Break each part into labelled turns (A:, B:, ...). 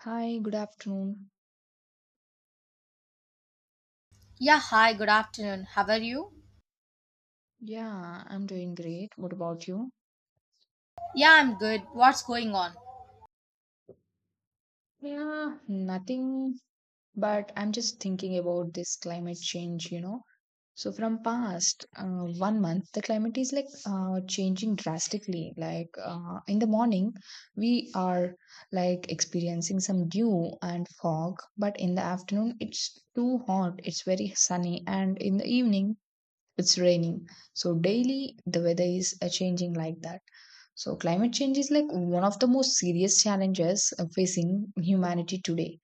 A: Hi, good afternoon.
B: Yeah, hi, good afternoon. How are you?
A: Yeah, I'm doing great. What about you?
B: Yeah, I'm good. What's going on?
A: Yeah, nothing, but I'm just thinking about this climate change. So from past One month, the climate is like changing drastically. Like in the morning, we are like experiencing some dew and fog, but in the afternoon, it's too hot, it's very sunny, and in the evening, it's raining. So daily the weather is changing like that. So climate change is like one of the most serious challenges facing humanity today.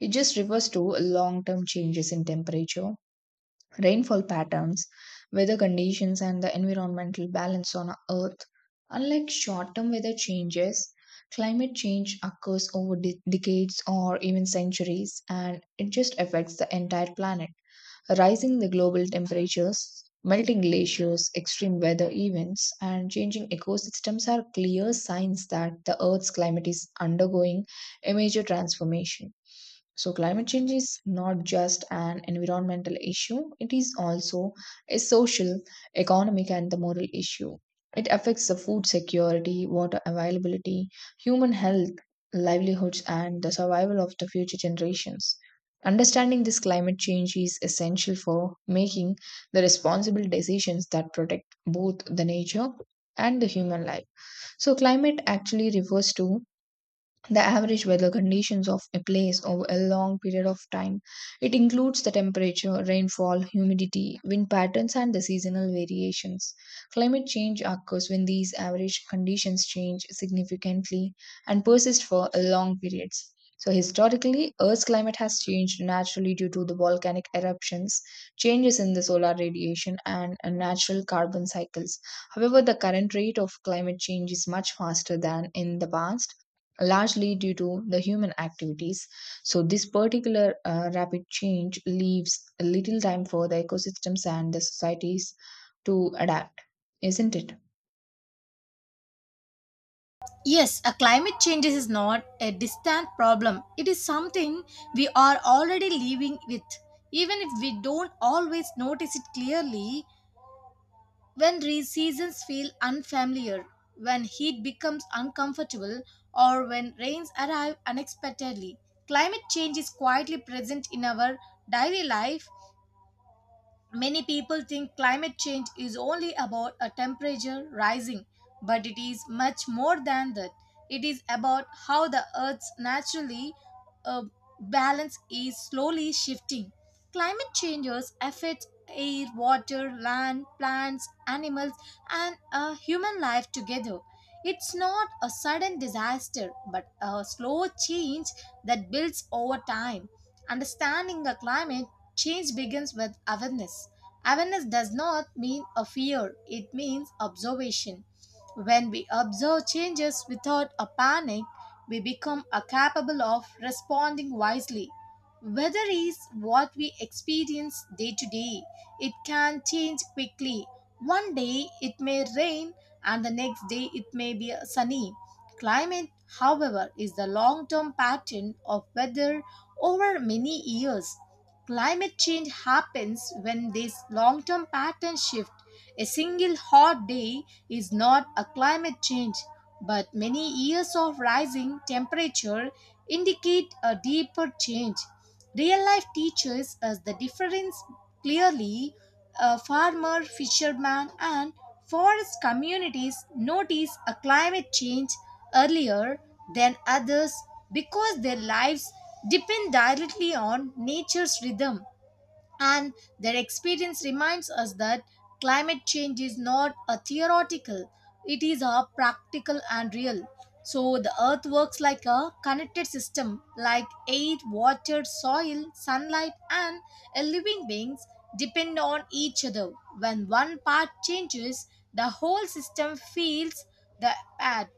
A: It just refers to long term changes in temperature, rainfall patterns, weather conditions, and the environmental balance on Earth. Unlike short term weather changes, climate change occurs over decades or even centuries, and it just affects the entire planet. Rising the global temperatures, melting glaciers, extreme weather events, and changing ecosystems are clear signs that the Earth's climate is undergoing a major transformation. So, climate change is not just an environmental issue, it is also a social, economic, and the moral issue. It affects the food security, water availability, human health, livelihoods, and the survival of the future generations. Understanding this climate change is essential for making the responsible decisions that protect both the nature and the human life. So, climate actually refers to the average weather conditions of a place over a long period of time. It includes the temperature, rainfall, humidity, wind patterns, and the seasonal variations. Climate change occurs when these average conditions change significantly and persist for a long periods. So, historically, Earth's climate has changed naturally due to the volcanic eruptions, changes in the solar radiation, and natural carbon cycles. However, the current rate of climate change is much faster than in the past, largely due to the human activities. So, this particular rapid change leaves little time for the ecosystems and the societies to adapt, isn't it?
B: Yes, a climate change is not a distant problem. It is something we are already living with. Even if we don't always notice it clearly, when seasons feel unfamiliar, when heat becomes uncomfortable, or when rains arrive unexpectedly, climate change is quietly present in our daily life. Many people think climate change is only about a temperature rising, but it is much more than that. It is about how the Earth's naturally uh, balance is slowly shifting. Climate changes affect air, water, land, plants, animals, and human life together. It's not a sudden disaster, but a slow change that builds over time. Understanding the climate change begins with awareness. Awareness does not mean a fear, it means observation. When we observe changes without a panic, we become a capable of responding wisely. Weather is what we experience day to day. It can change quickly. One day it may rain, and the next day it may be sunny. Climate, however, is the long term pattern of weather over many years. Climate change happens when this long term pattern shift. A single hot day is not a climate change, but many years of rising temperature indicate a deeper change. Real life teaches us the difference clearly. A farmer, fisherman, and forest communities notice a climate change earlier than others because their lives depend directly on nature's rhythm, and their experience reminds us that climate change is not a theoretical, it is a practical and real. So the earth works like a connected system, like air, water, soil, sunlight, and a living beings depend on each other. When one part changes, the whole system feels the act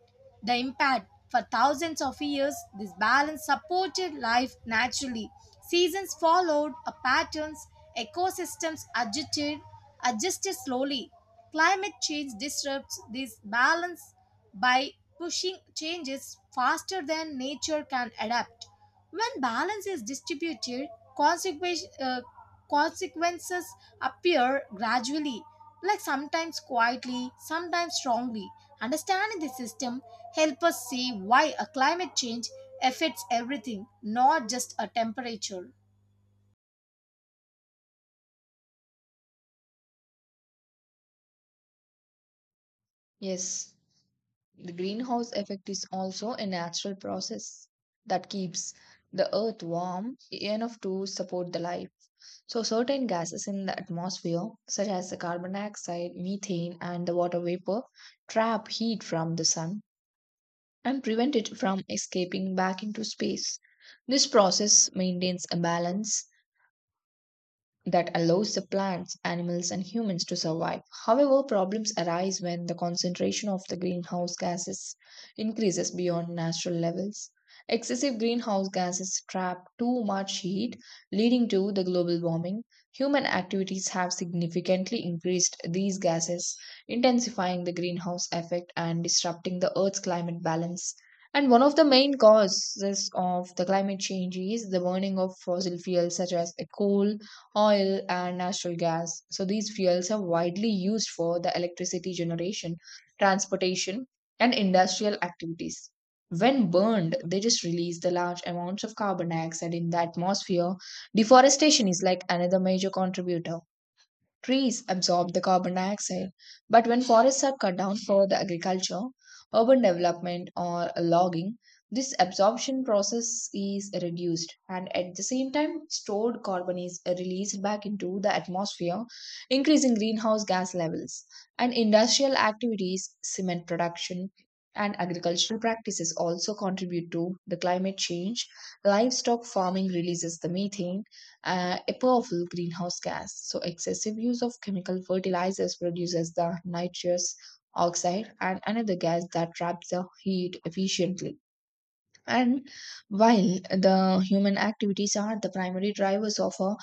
B: the impact. For thousands of years, this balance supported life naturally. Seasons followed a patterns, ecosystems adjusted slowly. Climate change disrupts this balance by pushing changes faster than nature can adapt. When balance is distributed, consequence- uh, consequences appear gradually, like sometimes quietly, sometimes strongly. Understanding the system help us see why a climate change affects everything, not just a temperature.
A: Yes, the greenhouse effect is also a natural process that keeps the earth warm enough to support the life. So, certain gases in the atmosphere, such as the carbon dioxide, methane, and the water vapor, trap heat from the sun and prevent it from escaping back into space. This process maintains a balance that allows the plants, animals, and humans to survive. However, problems arise when the concentration of the greenhouse gases increases beyond natural levels. Excessive greenhouse gases trap too much heat, leading to the global warming. Human activities have significantly increased these gases, intensifying the greenhouse effect and disrupting the Earth's climate balance. And one of the main causes of the climate change is the burning of fossil fuels such as the coal, oil, and natural gas. So these fuels are widely used for the electricity generation, transportation, and industrial activities. When burned, they just release the large amounts of carbon dioxide in the atmosphere. Deforestation is like another major contributor. Trees absorb the carbon dioxide, but when forests are cut down for the agriculture, urban development, or logging, this absorption process is reduced, and at the same time stored carbon is released back into the atmosphere, increasing greenhouse gas levels. And industrial activities, cement production, and agricultural practices also contribute to the climate change. Livestock farming releases the methane, a powerful greenhouse gas. So, excessive use of chemical fertilizers produces the nitrous oxide and another gas that traps the heat efficiently. And while the human activities are the primary drivers of a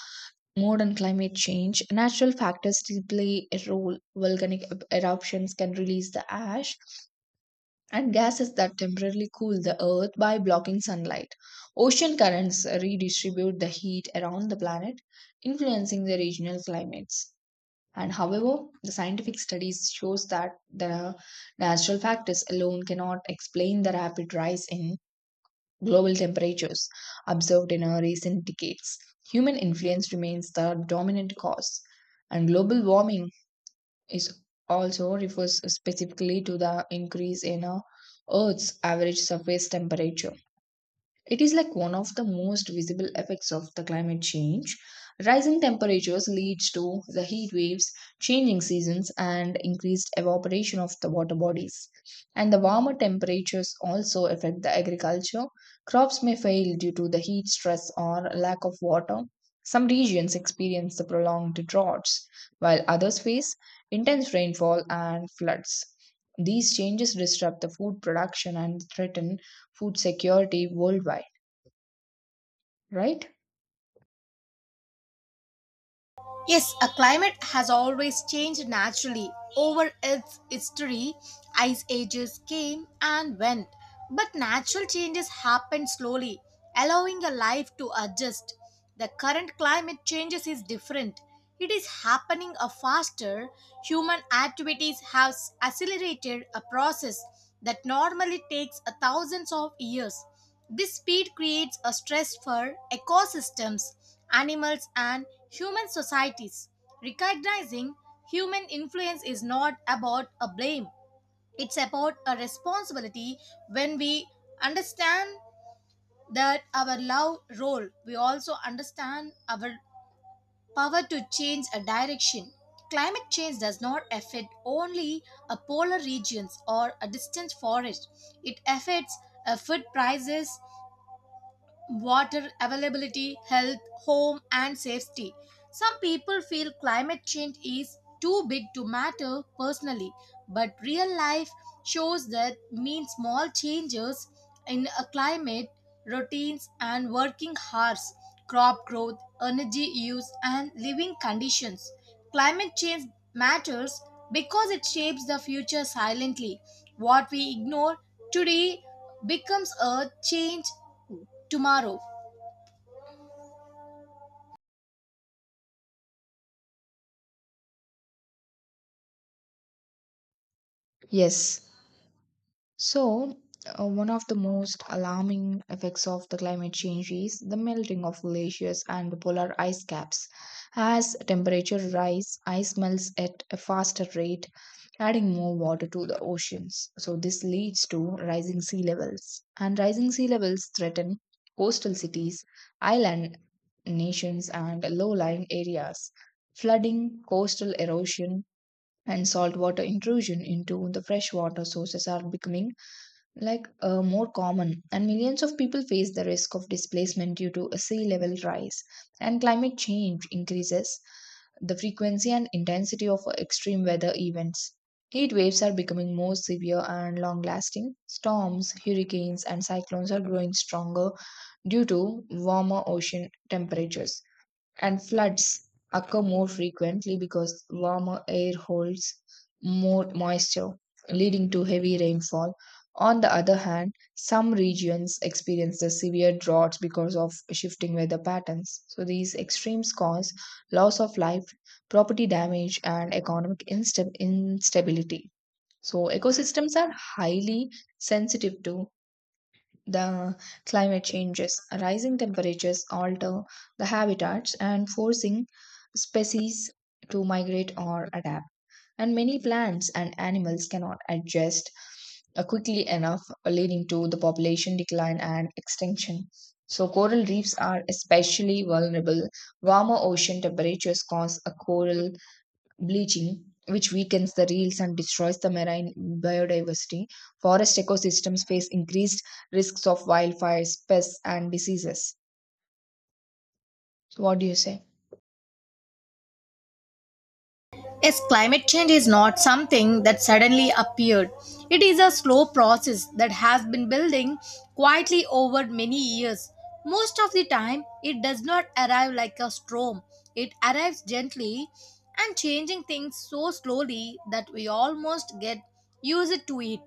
A: modern climate change, natural factors still play a role. Volcanic eruptions can release the ash and gases that temporarily cool the earth by blocking sunlight. Ocean currents redistribute the heat around the planet, influencing the regional climates. And however, the scientific studies shows that the natural factors alone cannot explain the rapid rise in global temperatures observed in our recent decades. Human influence remains the dominant cause, and global warming is also refers specifically to the increase in a Earth's average surface temperature. It is like one of the most visible effects of the climate change. Rising temperatures leads to the heat waves, changing seasons, and increased evaporation of the water bodies. And the warmer temperatures also affect the agriculture. Crops may fail due to the heat stress or lack of water. Some regions experience the prolonged droughts, while others face intense rainfall and floods. These changes disrupt the food production and threaten food security worldwide, right?
B: Yes, a climate has always changed naturally over its history. Ice ages came and went, but natural changes happen slowly, allowing a life to adjust. The current climate changes is different. It is happening a faster. Human activities have accelerated a process that normally takes a thousands of years. This speed creates a stress for ecosystems, animals, and human societies. Recognizing human influence is not about a blame, it's about a responsibility. When we understand that our love role, we also understand our power to change a direction. Climate change does not affect only a polar regions or a distant forest. It affects food prices, water availability, health, home, and safety. Some people feel climate change is too big to matter personally, but real life shows that means small changes in a climate, routines, and working hours, crop growth, energy use, and living conditions. Climate change matters because it shapes the future silently. What we ignore today becomes a change tomorrow.
A: Yes. So, one of the most alarming effects of the climate change is the melting of glaciers and the polar ice caps. As temperature rise, ice melts at a faster rate, adding more water to the oceans. So, this leads to rising sea levels. And rising sea levels threaten coastal cities, island nations, and low lying areas. Flooding, coastal erosion, and saltwater intrusion into the freshwater sources are becoming like more common, and millions of people face the risk of displacement due to a sea level rise. And climate change increases the frequency and intensity of extreme weather events. Heat waves are becoming more severe and long lasting. Storms, hurricanes, and cyclones are growing stronger due to warmer ocean temperatures, and floods occur more frequently because warmer air holds more moisture, leading to heavy rainfall. On the other hand, some regions experience the severe droughts because of shifting weather patterns. So, these extremes cause loss of life, property damage, and economic instability. So, ecosystems are highly sensitive to the climate changes. Rising temperatures alter the habitats and forcing species to migrate or adapt. And many plants and animals cannot adjust quickly enough, leading to the population decline and extinction. So, coral reefs are especially vulnerable. Warmer ocean temperatures cause a coral bleaching, which weakens the reefs and destroys the marine biodiversity. Forest ecosystems face increased risks of wildfires, pests, and diseases. So what do you say?
B: Yes, climate change is not something that suddenly appeared. It is a slow process that has been building quietly over many years. Most of the time, it does not arrive like a storm. It arrives gently and changing things so slowly that we almost get used to it.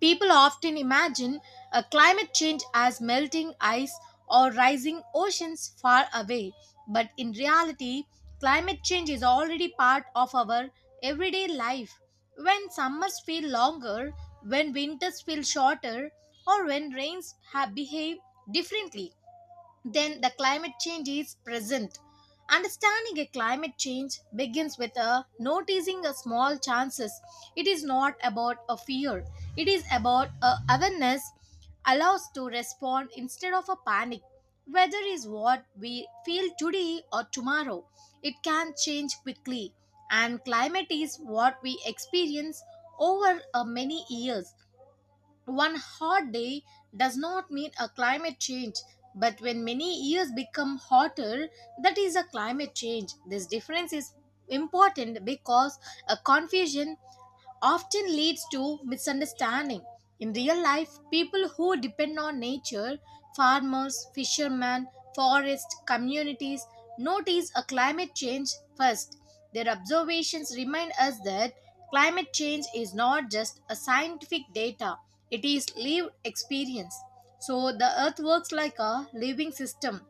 B: People often imagine a climate change as melting ice or rising oceans far away, but in reality, climate change is already part of our everyday life. When summers feel longer, when winters feel shorter, or when rains have behave differently, then the climate change is present. Understanding a climate change begins with a noticing a small chances. It is not about a fear. It is about a awareness allows to respond instead of a panic. Weather is what we feel today or tomorrow. It can change quickly, and climate is what we experience over many years. One hot day does not mean a climate change, but when many years become hotter, that is a climate change. This difference is important because a confusion often leads to misunderstanding. In real life, people who depend on nature, farmers, fishermen, forest communities, notice a climate change first. Their observations remind us that climate change is not just a scientific data, it is lived experience. So the earth works like a living system,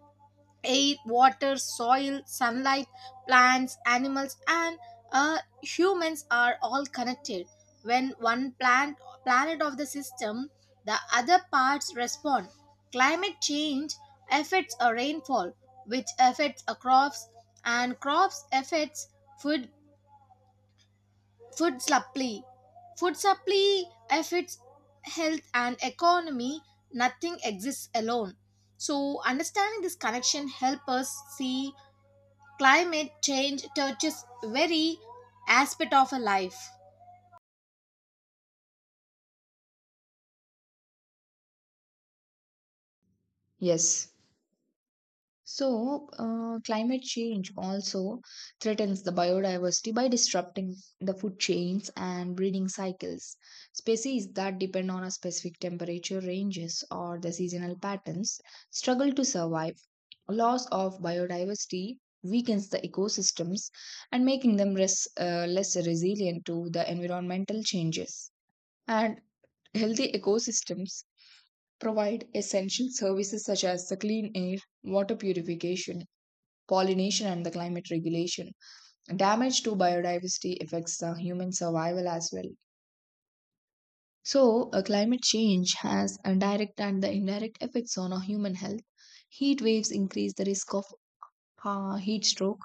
B: air, water, soil, sunlight, plants, animals, and humans are all connected. When one plant, planet of the system, the other parts respond. Climate change affects a rainfall, which affects a crops, and crops affects food food supply. Food supply affects health and economy. Nothing exists alone. So understanding this connection help us see climate change touches every aspect of our life.
A: Yes. So, climate change also threatens the biodiversity by disrupting the food chains and breeding cycles. Species that depend on a specific temperature ranges or the seasonal patterns struggle to survive. Loss of biodiversity weakens the ecosystems and making them less resilient to the environmental changes. And healthy ecosystems provide essential services such as the clean air, water purification, pollination, and the climate regulation. Damage to biodiversity affects the human survival as well. So climate change has a direct and the indirect effects on our human health. Heat waves increase the risk of heat stroke,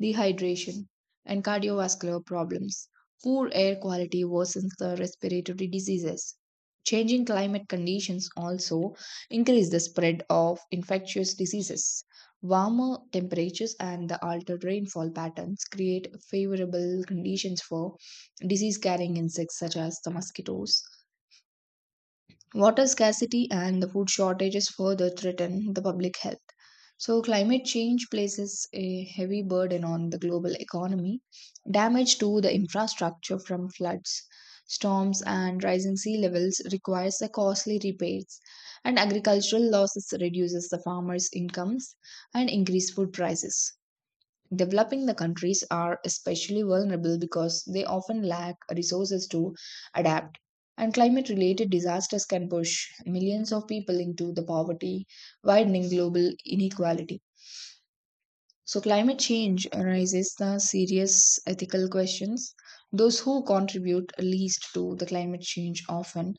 A: dehydration, and cardiovascular problems. Poor air quality worsens the respiratory diseases. Changing climate conditions also increase the spread of infectious diseases. Warmer temperatures and the altered rainfall patterns create favorable conditions for disease carrying insects such as the mosquitoes. Water scarcity and the food shortages further threaten the public health. So, climate change places a heavy burden on the global economy. Damage to the infrastructure from floods, storms, and rising sea levels requires the costly repairs, and agricultural losses reduces the farmers' incomes and increase food prices. Developing the countries are especially vulnerable because they often lack resources to adapt, and climate related disasters can push millions of people into the poverty, widening global inequality. So, climate change raises the serious ethical questions. Those who contribute least to the climate change often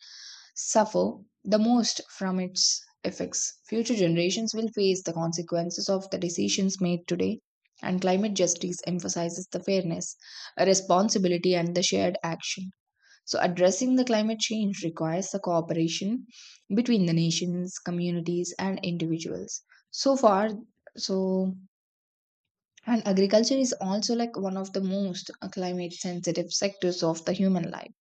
A: suffer the most from its effects. Future generations will face the consequences of the decisions made today, and climate justice emphasizes the fairness, responsibility, and the shared action. So, addressing the climate change requires the cooperation between the nations, communities, and individuals. So far, so and agriculture is also like one of the most climate sensitive sectors of the human life.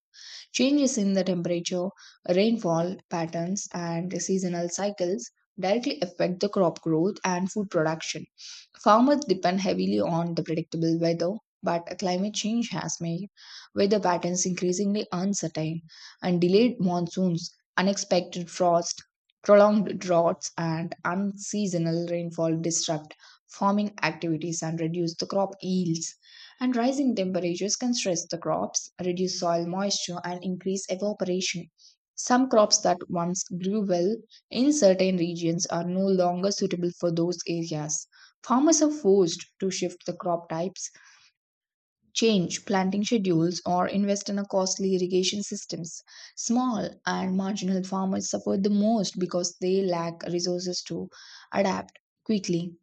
A: Changes in the temperature, rainfall patterns, and seasonal cycles directly affect the crop growth and food production. Farmers depend heavily on the predictable weather, but climate change has made weather patterns increasingly uncertain, and delayed monsoons, unexpected frost, prolonged droughts, and unseasonal rainfall disrupt farming activities and reduce the crop yields. And rising temperatures can stress the crops, reduce soil moisture, and increase evaporation. Some crops that once grew well in certain regions are no longer suitable for those areas. Farmers are forced to shift the crop types, change planting schedules, or invest in a costly irrigation systems. Small and marginal farmers suffer the most because they lack resources to adapt quickly.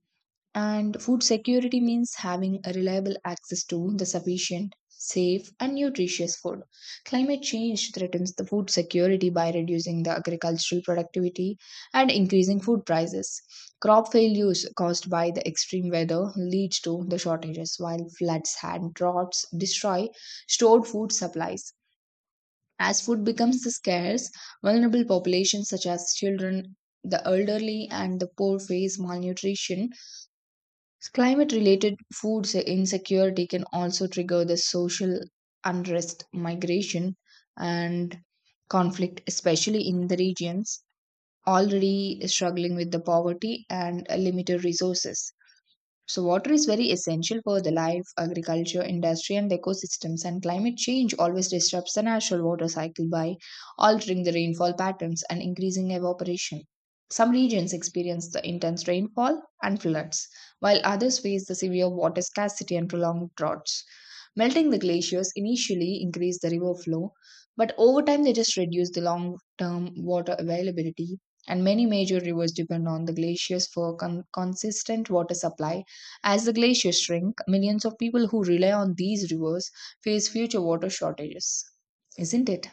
A: And food security means having a reliable access to the sufficient, safe, and nutritious food. Climate change threatens the food security by reducing the agricultural productivity and increasing food prices. Crop failures caused by the extreme weather leads to the shortages, while floods and droughts destroy stored food supplies. As food becomes scarce, vulnerable populations such as children, the elderly, and the poor face malnutrition. Climate related food insecurity can also trigger the social unrest, migration, and conflict, especially in the regions already struggling with the poverty and limited resources. So, water is very essential for the life, agriculture, industry, and ecosystems, and climate change always disrupts the natural water cycle by altering the rainfall patterns and increasing evaporation. Some regions experience the intense rainfall and floods, while others face the severe water scarcity and prolonged droughts. Melting the glaciers initially increase the river flow, but over time they just reduce the long term water availability, and many major rivers depend on the glaciers for consistent water supply as the glaciers shrink, millions of people who rely on these rivers face future water shortages, isn't it?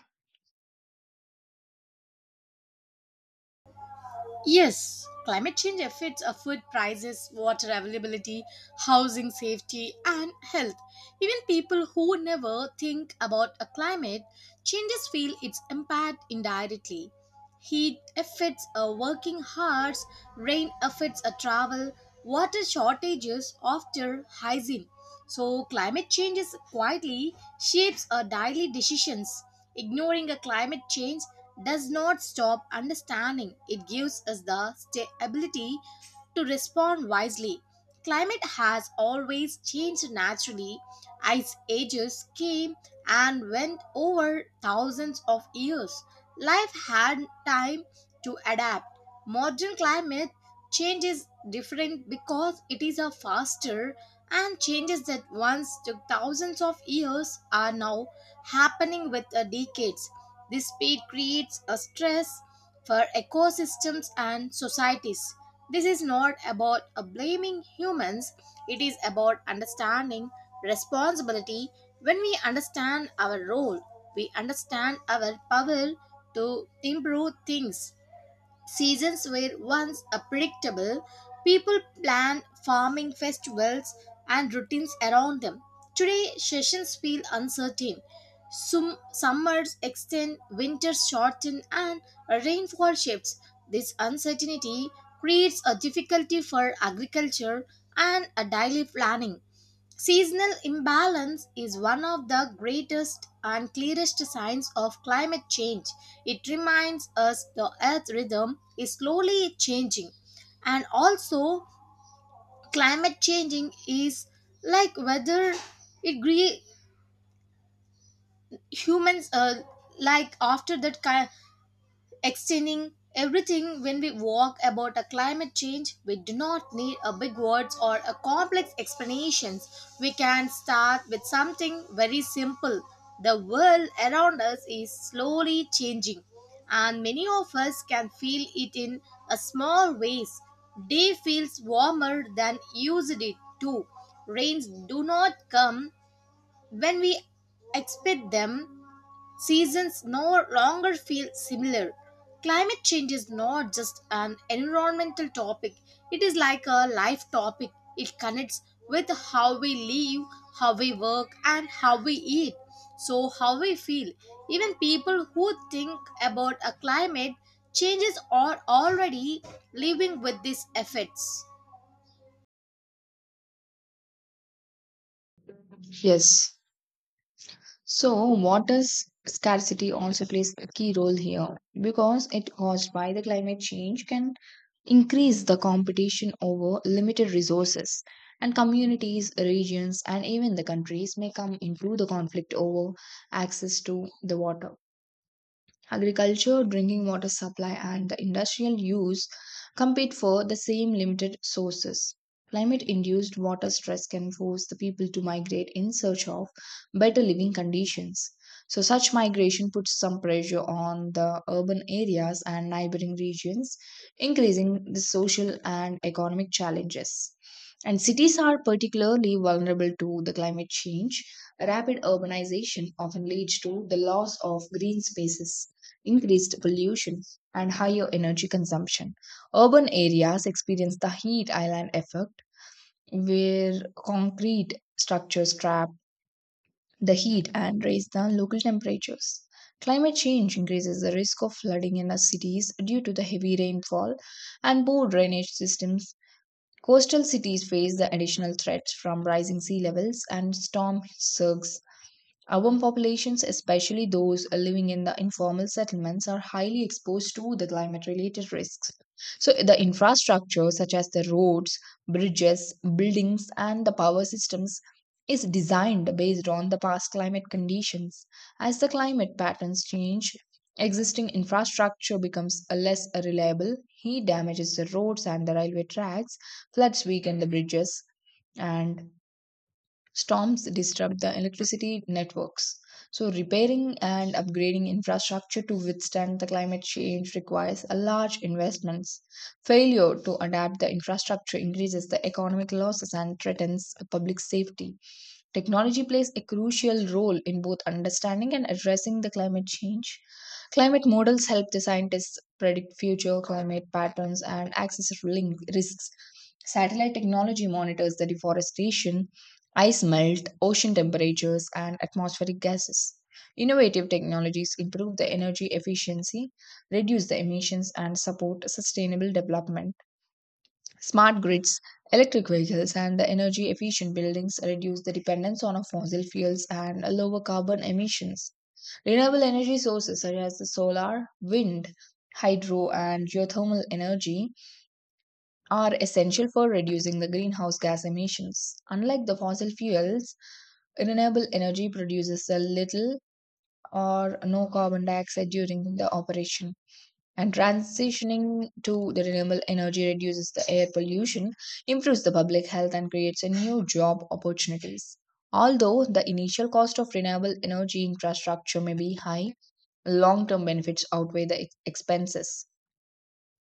B: Yes, climate change affects our food prices, water availability, housing safety, and health. Even people who never think about a climate changes feel its impact indirectly. Heat affects our working hours, rain affects our travel, water shortages after hygiene. So, climate change is quietly shapes our daily decisions. Ignoring a climate change does not stop understanding, it gives us the ability to respond wisely. Climate has always changed naturally. Ice ages came and went over thousands of years. Life had time to adapt. Modern climate change is different because it is a faster, and changes that once took thousands of years are now happening with decades. This speed creates a stress for ecosystems and societies. This is not about blaming humans, it is about understanding responsibility. When we understand our role, we understand our power to improve things. Seasons were once a predictable. People planned farming festivals and routines around them. Today, sessions feel uncertain. Summers extend, winters shorten, and rainfall shifts. This uncertainty creates a difficulty for agriculture and a daily planning. Seasonal imbalance is one of the greatest and clearest signs of climate change. It reminds us the Earth's rhythm is slowly changing. And also, climate changing is like whether it gre- humans like after that ki- extending everything. When we walk about a climate change, we do not need a big words or a complex explanations. We can start with something very simple. The world around us is slowly changing, and many of us can feel it in a small ways. Day feels warmer than used it to. Rains do not come when we expect them. Seasons no longer feel similar. Climate change is not just an environmental topic, it is like a life topic. It connects with how we live, how we work, and how we eat. So, how we feel. Even people who think about a climate changes are already living with these effects.
A: Yes. So, water scarcity also plays a key role here because it caused by the climate change can increase the competition over limited resources. And communities, regions, and even the countries may come into the conflict over access to the water. Agriculture, drinking water supply, and the industrial use compete for the same limited sources. Climate induced water stress can force the people to migrate in search of better living conditions. So, such migration puts some pressure on the urban areas and neighboring regions, increasing the social and economic challenges. And cities are particularly vulnerable to the climate change. Rapid urbanization often leads to the loss of green spaces increased pollution, and higher energy consumption. Urban areas experience the heat island effect, where concrete structures trap the heat and raise the local temperatures. Climate change increases the risk of flooding in our cities due to the heavy rainfall and poor drainage systems. Coastal cities face the additional threats from rising sea levels and storm surges. Urban populations, especially those living in the informal settlements, are highly exposed to the climate related risks. So, the infrastructure, such as the roads, bridges, buildings, and the power systems, is designed based on the past climate conditions. As the climate patterns change, existing infrastructure becomes less reliable, heat damages the roads and the railway tracks, floods weaken the bridges, and storms disrupt the electricity networks. So, repairing and upgrading infrastructure to withstand the climate change requires a large investments. Failure to adapt the infrastructure increases the economic losses and threatens public safety. Technology plays a crucial role in both understanding and addressing the climate change. Climate models help the scientists predict future climate patterns and risks. Satellite technology monitors the deforestation, ice melt, ocean temperatures, and atmospheric gases. Innovative technologies improve the energy efficiency, reduce the emissions, and support sustainable development. Smart grids, electric vehicles, and the energy efficient buildings reduce the dependence on fossil fuels and lower carbon emissions. Renewable energy sources such as the solar, wind, hydro, and geothermal energy are essential for reducing the greenhouse gas emissions. Unlike the fossil fuels, renewable energy produces a little or no carbon dioxide during the operation. And transitioning to the renewable energy reduces the air pollution, improves the public health, and creates a new job opportunities. Although the initial cost of renewable energy infrastructure may be high, long term benefits outweigh the expenses.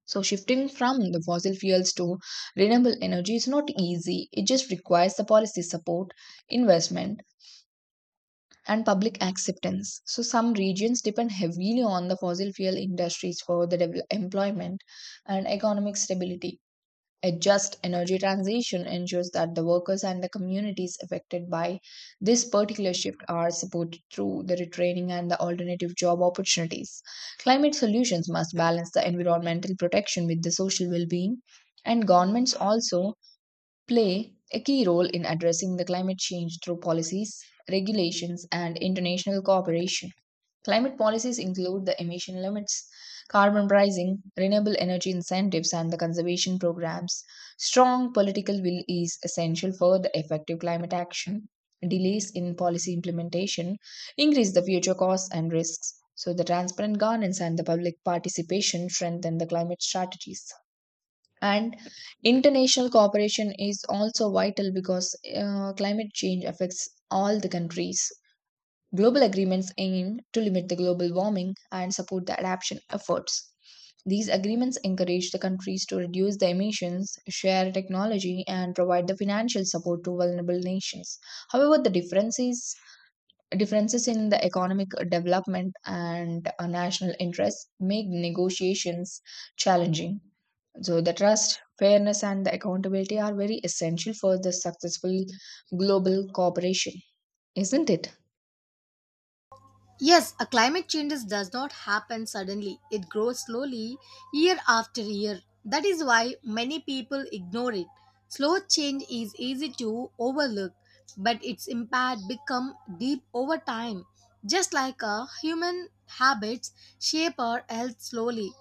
A: So, shifting from the fossil fuels to renewable energy is not easy. It just requires the policy support, investment, and public acceptance. So, some regions depend heavily on the fossil fuel industries for the employment and economic stability. A just energy transition ensures that the workers and the communities affected by this particular shift are supported through the retraining and the alternative job opportunities. Climate solutions must balance the environmental protection with the social well being, and governments also play a key role in addressing the climate change through policies, regulations, and international cooperation. Climate policies include the emission limits, carbon pricing, renewable energy incentives, and the conservation programs. Strong political will is essential for the effective climate action. Delays in policy implementation increase the future costs and risks. So, the transparent governance and the public participation strengthen the climate strategies. And international cooperation is also vital because climate change affects all the countries. Global agreements aim to limit the global warming and support the adaptation efforts. These agreements encourage the countries to reduce the emissions, share technology, and provide the financial support to vulnerable nations. However, the differences differences in the economic development and national interests make negotiations challenging. So, the trust, fairness, and the accountability are very essential for the successful global cooperation, isn't it?
B: Yes, a climate changes does not happen suddenly. It grows slowly year after year. That is why many people ignore it. Slow change is easy to overlook, but its impact become deep over time. Just like a human habits shape our health slowly.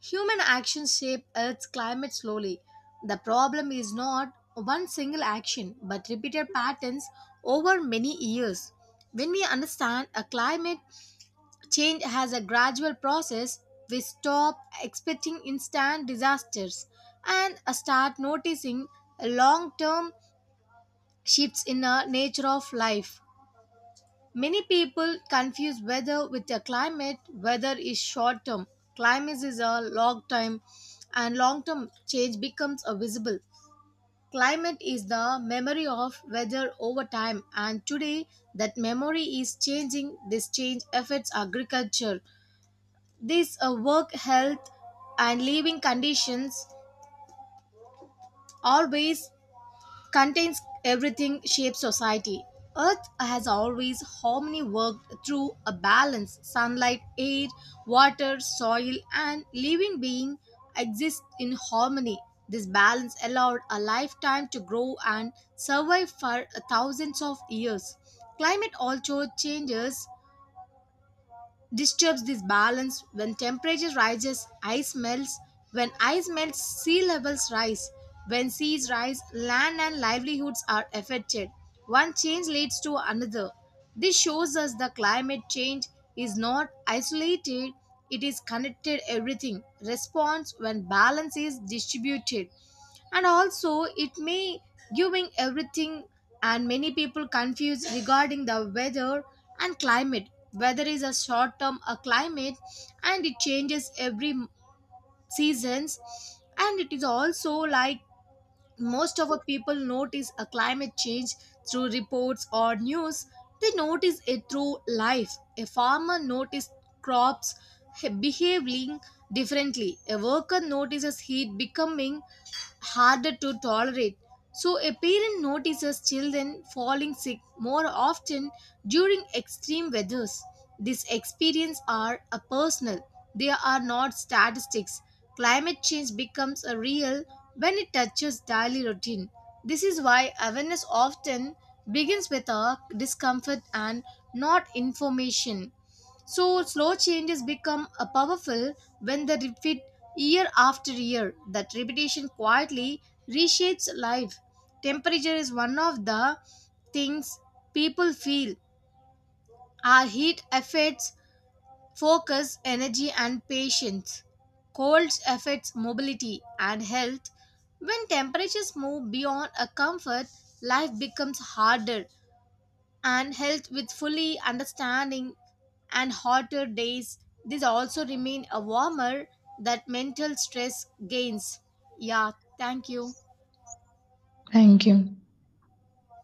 B: Human actions shape Earth's climate slowly. The problem is not one single action, but repeated patterns over many years. When we understand a climate change has a gradual process. We stop expecting instant disasters and start noticing long term shifts in the nature of life. Many people confuse weather with the climate. Weather is short term, climate is a long time, and long term change becomes a visible. Climate is the memory of weather over time, and today that memory is changing. This change affects agriculture, this work, health, and living conditions, always contains everything shapes society. Earth has always harmony worked through a balance. Sunlight, air, water, soil, and living being exist in harmony. This balance allowed a lifetime to grow and survive for thousands of years. Climate also changes disturbs this balance. When temperature rises, ice melts. When ice melts, sea levels rise. When seas rise, land and livelihoods are affected. One change leads to another. This shows us the climate change is not isolated, it is connected everything response when balance is distributed, and also it may giving everything. And many people confused regarding the weather and climate. Weather is a short term, a climate, and it changes every seasons. And it is also like, most of our people notice a climate change through reports or news. They notice it through life. A farmer notices crops behaving differently. A worker notices heat becoming harder to tolerate. So, a parent notices children falling sick more often during extreme weathers. These experiences are a personal, they are not statistics. Climate change becomes a real when it touches daily routine. This is why awareness often begins with a discomfort and not information. So slow changes become a powerful when they repeat year after year. That repetition quietly reshapes life. Temperature is one of the things people feel. Our heat affects focus, energy, and patience. Cold affects mobility and health. When temperatures move beyond a comfort, life becomes harder and health with fully understanding and hotter days, this also remain a warmer, that mental stress gains. Yeah, thank you.
A: Thank you.